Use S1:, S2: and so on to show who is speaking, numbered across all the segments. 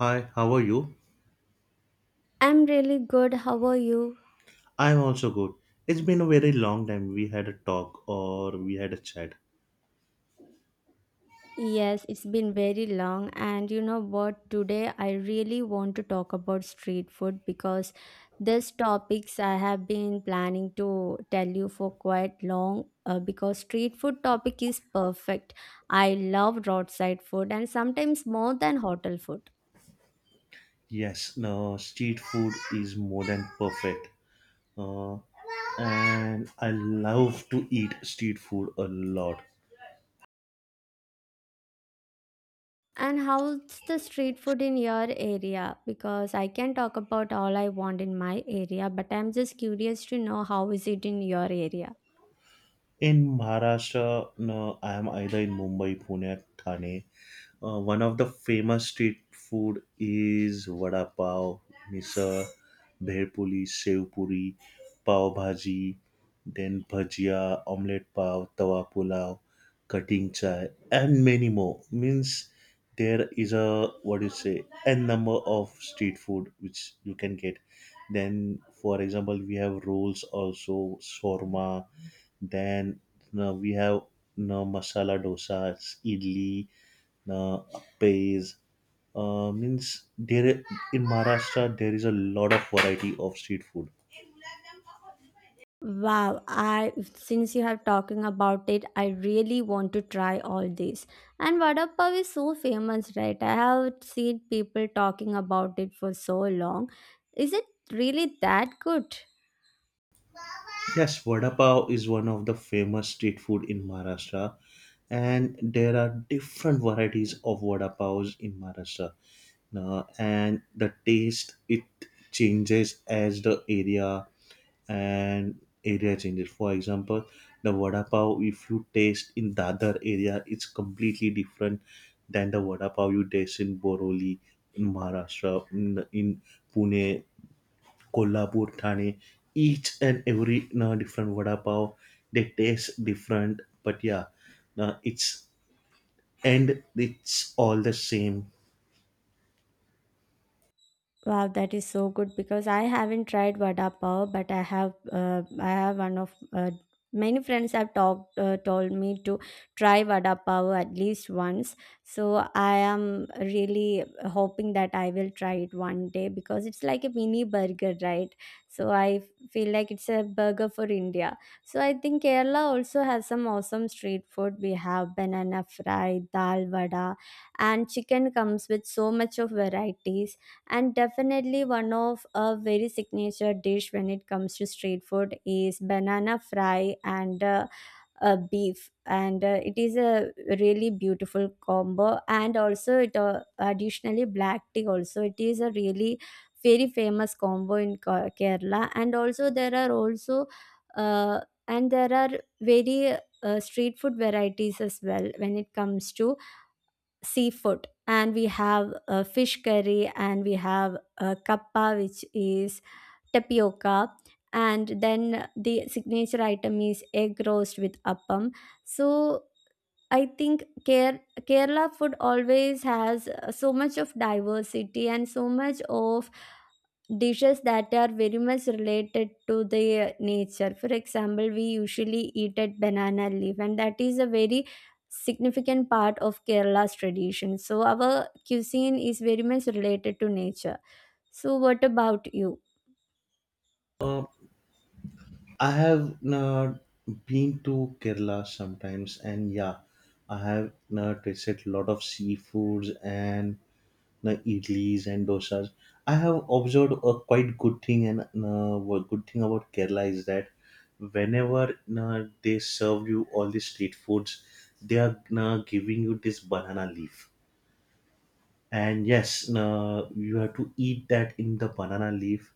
S1: Hi, how are you?
S2: I'm really good. How are you?
S1: I'm also good. It's been a very long time we had a talk or we had a chat.
S2: Yes, it's been very long. And you know what? Today I really want to talk about street food because this topics I have been planning to tell you for quite long because street food topic is perfect. I love roadside food and sometimes more than hotel food.
S1: Yes, no, street food is more than perfect. Uh, and I love to eat street food a lot.
S2: And how's the street food in your area? Because I can talk about all I want in my area, but I'm just curious to know how is it in your area.
S1: In Maharashtra, no, I am either in Mumbai, Pune, Thane. One of the famous street food is vada pav, misal, bher puri, sev puri, pav bhaji, then bhajia, omelette pav, tawa pulao, cutting chai, and many more. Means there is a what do you say n number of street food which you can get. Then, for example, we have rolls also, shawarma. Then we have no masala dosas, idli, uh, pays. Means there in Maharashtra there is a lot of variety of street food.
S2: Wow, I since you have talking about it, I really want to try all this. And vada pav is so famous, right? I have seen people talking about it for so long. Is it really that good?
S1: Yes, vada pav is one of the famous street food in Maharashtra, and there are different varieties of vada pavs in Maharashtra. Now, and the taste it changes as the area and area changes. For example, the vada pav if you taste in Dadar area, it's completely different than the vada pav you taste in Boroli in Maharashtra, in Pune, Kolhapur, Thane, each and every different vada pav, they taste different, but yeah, it's and it's all the same.
S2: Wow, that is so good because I haven't tried vada pav, but I have one of many friends have talked told me to try vada pav at least once. So I am really hoping that I will try it one day because it's like a mini burger, right? So I feel like it's a burger for India. So I think Kerala also has some awesome street food. We have banana fry, dal vada, and chicken comes with so much of varieties and definitely one of a very signature dish when it comes to street food is banana fry and beef, and it is a really beautiful combo, and also it additionally black tea, also it is a really very famous combo in Kerala. And also there are also uh, and there are very street food varieties as well when it comes to seafood, and we have a fish curry, and we have a kappa, which is tapioca, and then the signature item is egg roast with appam. So I think Kerala food always has so much of diversity and so much of dishes that are very much related to the nature. For example, we usually eat at banana leaf, and that is a very significant part of Kerala's tradition. So our cuisine is very much related to nature. So what about you?
S1: Uh, I have been to Kerala sometimes, and yeah, I have tasted a lot of seafoods and the idlis and dosas. I have observed a quite good thing and what good thing about Kerala is that whenever they serve you all the street foods, they are giving you this banana leaf. And yes, you have to eat that in the banana leaf,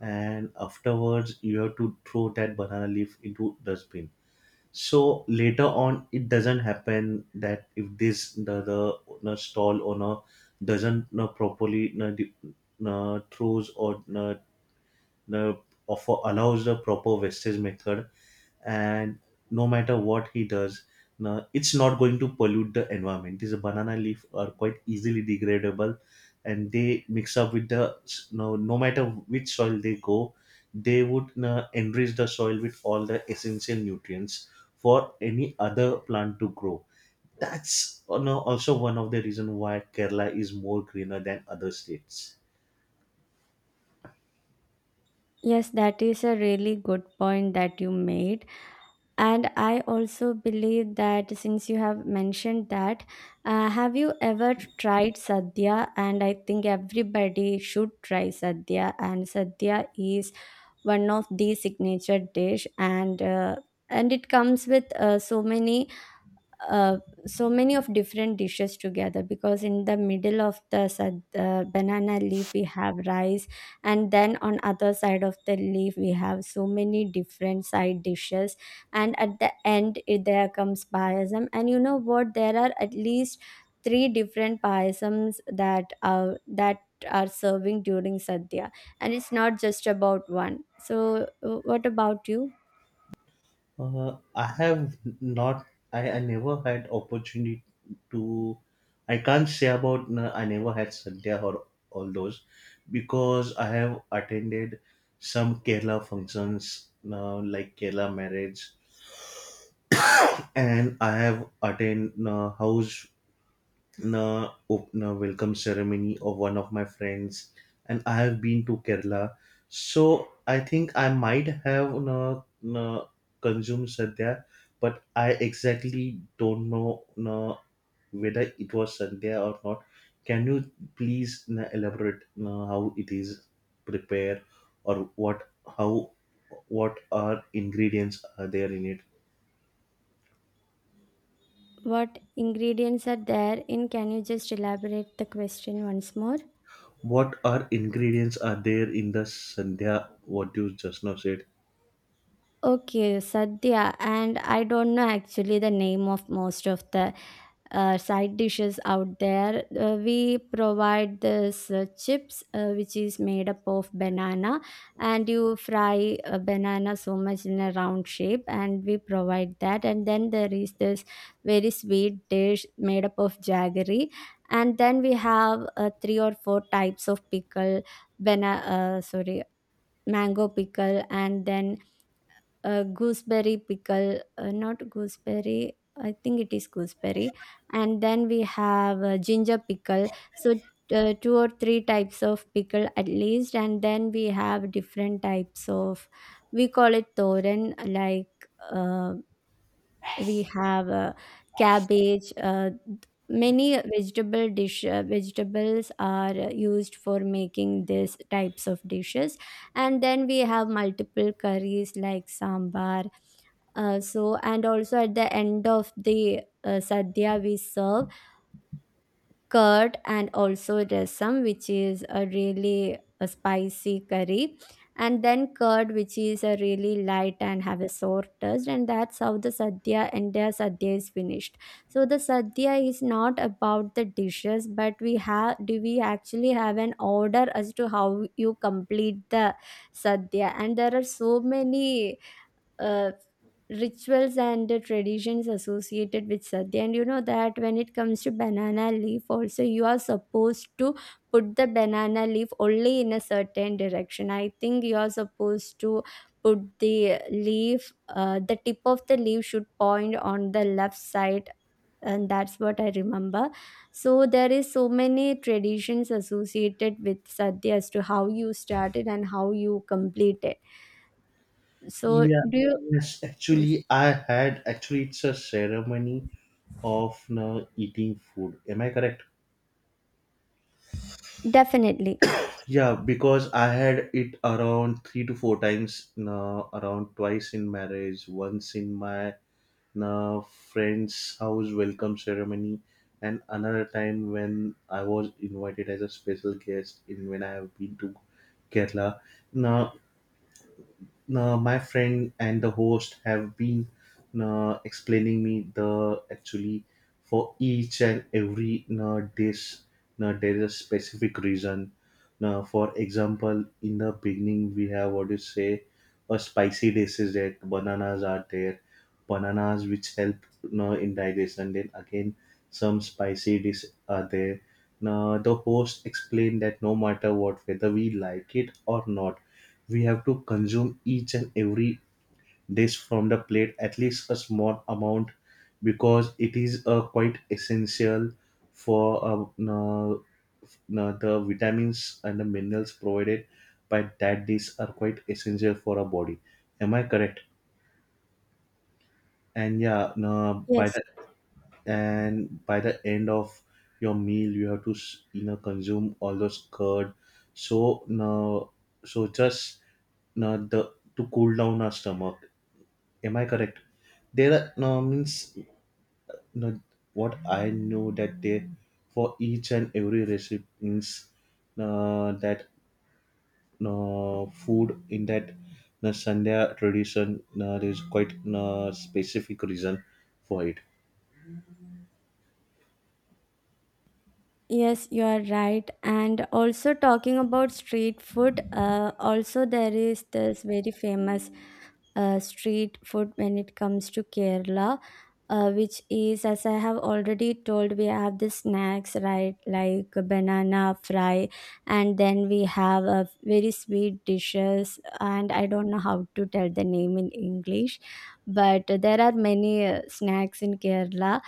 S1: and afterwards you have to throw that banana leaf into dustbin, so later on it doesn't happen that if this the no, stall owner doesn't no, properly no, the, no, throws or no, the offer allows the proper wastage method, and no matter what he does no, it's not going to pollute the environment. These banana leaf are quite easily degradable, and they mix up with the no, no matter which soil they go, they would no, enrich the soil with all the essential nutrients for any other plant to grow. That's no, also one of the reason why Kerala is more greener than other states.
S2: Yes, that is a really good point that you made. And I also believe that since you have mentioned that, have you ever tried sadhya? And I think everybody should try sadhya. And sadhya is one of the signature dish, and it comes with uh, so many of different dishes together, because in the middle of the banana leaf we have rice, and then on other side of the leaf we have so many different side dishes, and at the end there comes payasam. And you know what, there are at least three different payasams that are serving during sadhya, and it's not just about one. So what about you?
S1: I have not. I never had opportunity to. I can't say about. No, I never had Sandhya or all those, because I have attended some Kerala functions, like Kerala marriage, and I have attended house na opener welcome ceremony of one of my friends, and I have been to Kerala. So I think I might have na, na, consumed sadhya, but I exactly don't know na, whether it was sadhya or not. Can you please na, elaborate na, how it is prepared, or what, how, what are ingredients are there in it?
S2: What ingredients are there in? Can you just elaborate the question once more?
S1: What are ingredients are there in the sadhya what you just now said?
S2: Okay, sadhya, and I don't know actually the name of most of the side dishes out there. We provide this chips, which is made up of banana, and you fry a banana so much in a round shape, and we provide that. And then there is this very sweet dish made up of jaggery, and then we have three or four types of pickle, banana, uh, sorry, mango pickle, and then gooseberry pickle, not gooseberry. I think it is gooseberry, and then we have ginger pickle. So two or three types of pickle at least, and then we have different types of. We call it thoran, like we have cabbage, many vegetable dish vegetables are used for making these types of dishes, and then we have multiple curries like sambar. So, and also at the end of the sadhya we serve curd, and also rasam, which is a really a spicy curry, and then curd, which is a really light and have a sour taste, and that's how the sadhya entire sadhya is finished. So the sadhya is not about the dishes, but we have do we actually have an order as to how you complete the sadhya. And there are so many uh, rituals and the traditions associated with sadhya, and you know that when it comes to banana leaf also, you are supposed to put the banana leaf only in a certain direction. I think you are supposed to put the leaf, the tip of the leaf should point on the left side, and that's what I remember. So there is so many traditions associated with sadhya as to how you start it and how you complete it. So
S1: Yeah,
S2: do you,
S1: yes,
S2: yes.
S1: actually, I had actually it's a ceremony of now eating food. Am I correct?
S2: Definitely.
S1: Yeah, because I had it around 3 to 4 times now, around twice in marriage, once in my now friend's house welcome ceremony, and another time when I was invited as a special guest in when I have been to Kerala. Now my friend and the host have been explaining me the actually for each and every dish there is a specific reason. Now, for example, in the beginning we have what you say a spicy dish, is that bananas are there, bananas which help in digestion. Then again some spicy dish are there. Now the host explained that no matter what, whether we like it or not, we have to consume each and every dish from the plate, at least a small amount, because it is quite essential for the vitamins and the minerals provided by that dish are quite essential for our body. Am I correct? And yeah,
S2: Yes.
S1: by the end of your meal you have to consume all those curd, so no, so just no, the, to cool down our stomach, am I correct? There are no means, no, what I know that they, for each and every recipe, means that no food in that no sandhya tradition no, there is quite no specific reason for it.
S2: Yes, you are right. And also talking about street food, also there is this very famous street food when it comes to Kerala. Which is, as I have already told, we have the snacks, right, like a banana fry, and then we have a very sweet dishes, and I don't know how to tell the name in English, but there are many snacks in Kerala.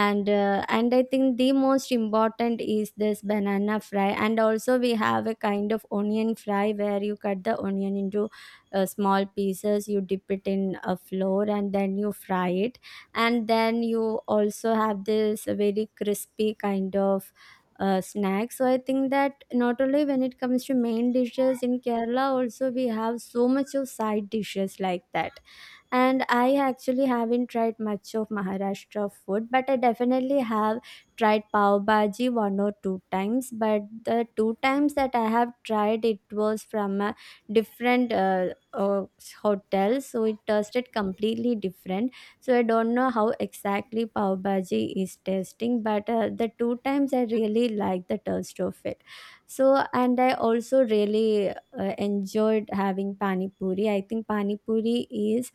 S2: And and I think the most important is this banana fry. And also we have a kind of onion fry, where you cut the onion into small pieces, you dip it in a flour and then you fry it. And then you also have this very crispy kind of snack. So I think that not only when it comes to main dishes in Kerala, also we have so much of side dishes like that. And I actually haven't tried much of Maharashtra food, but I definitely have tried pav bhaji one or two times. But the two times that I have tried, it was from a different hotel, so it tasted completely different. So I don't know how exactly pav bhaji is tasting, but the two times I really liked the taste of it. So, and I also really enjoyed having pani puri. I think pani puri is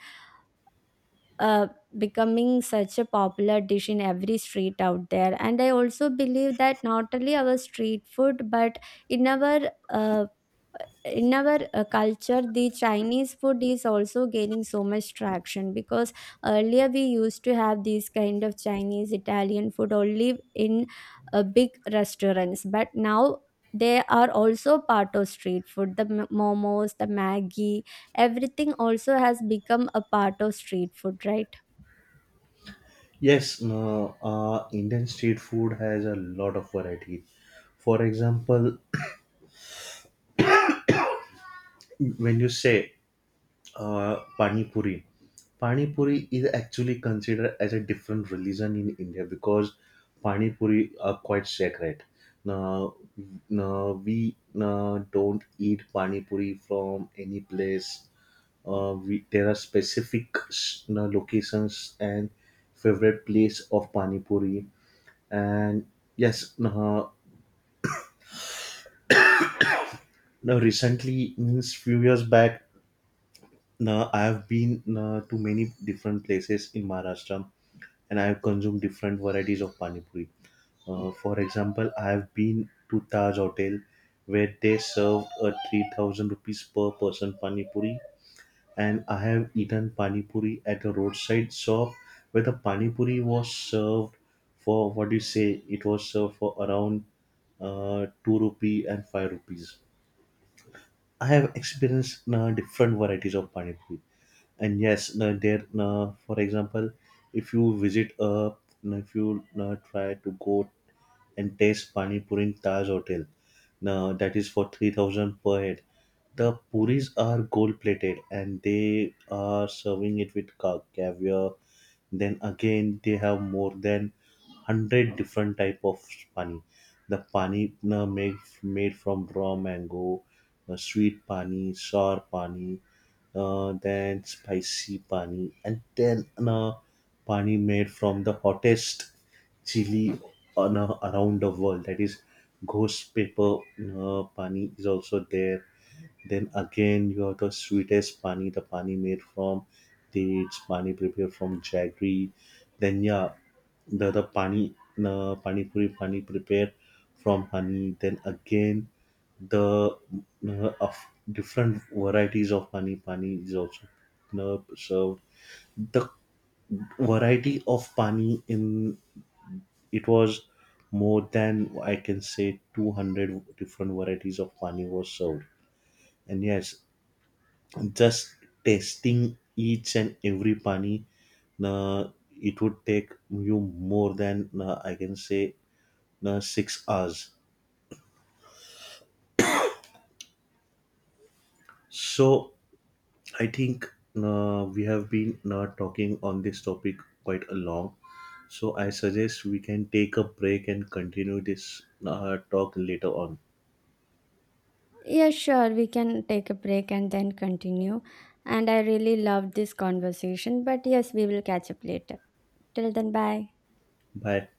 S2: uh, becoming such a popular dish in every street out there. And I also believe that not only our street food, but in our culture, the Chinese food is also gaining so much traction, because earlier we used to have these kind of Chinese Italian food only in big restaurants, but now they are also part of street food, the momos, the Maggi, everything also has become a part of street food, right?
S1: Yes, no, Indian street food has a lot of variety. For example, when you say uh, pani puri, pani puri is actually considered as a different religion in India, because pani puri are quite sacred. Now, now we now don't eat pani puri from any place. We, there are specific s- now locations and favorite place of pani puri, and yes, now, recently means few years back, now I have been to many different places in Maharashtra, and I have consumed different varieties of pani puri. For example, I have been to Taj Hotel, where they served a 3,000 rupees per person pani puri, and I have eaten pani puri at a roadside shop where the pani puri was served for what do you say? It was served for around ₹2 and ₹5. I have experienced different varieties of pani puri, and yes, there. For example, if you visit a, if you try to go and taste pani puri in Taj Hotel. Now that is for 3,000 per head. The puris are gold plated, and they are serving it with caviar. Then again they have more than 100 different type of pani. The pani made, made from raw mango, sweet pani, sour pani, then spicy pani, and then pani made from the hottest chili on a, around the world, that is ghost paper pani is also there. Then again you have the sweetest pani, the pani made from dates, pani prepared from jaggery, then yeah, the pani, pani puri pani prepared from honey, then again the of different varieties of pani, pani is also served. The variety of pani in it was more than I can say 200 different varieties of pani was served. And yes, just tasting each and every pani, it would take you more than I can say 6 hours. So I think we have been talking on this topic quite a long. So I suggest we can take a break and continue this talk later on.
S2: Yeah, sure, we can take a break and then continue, and I really loved this conversation, but yes, we will catch up later. Till then, bye.
S1: Bye.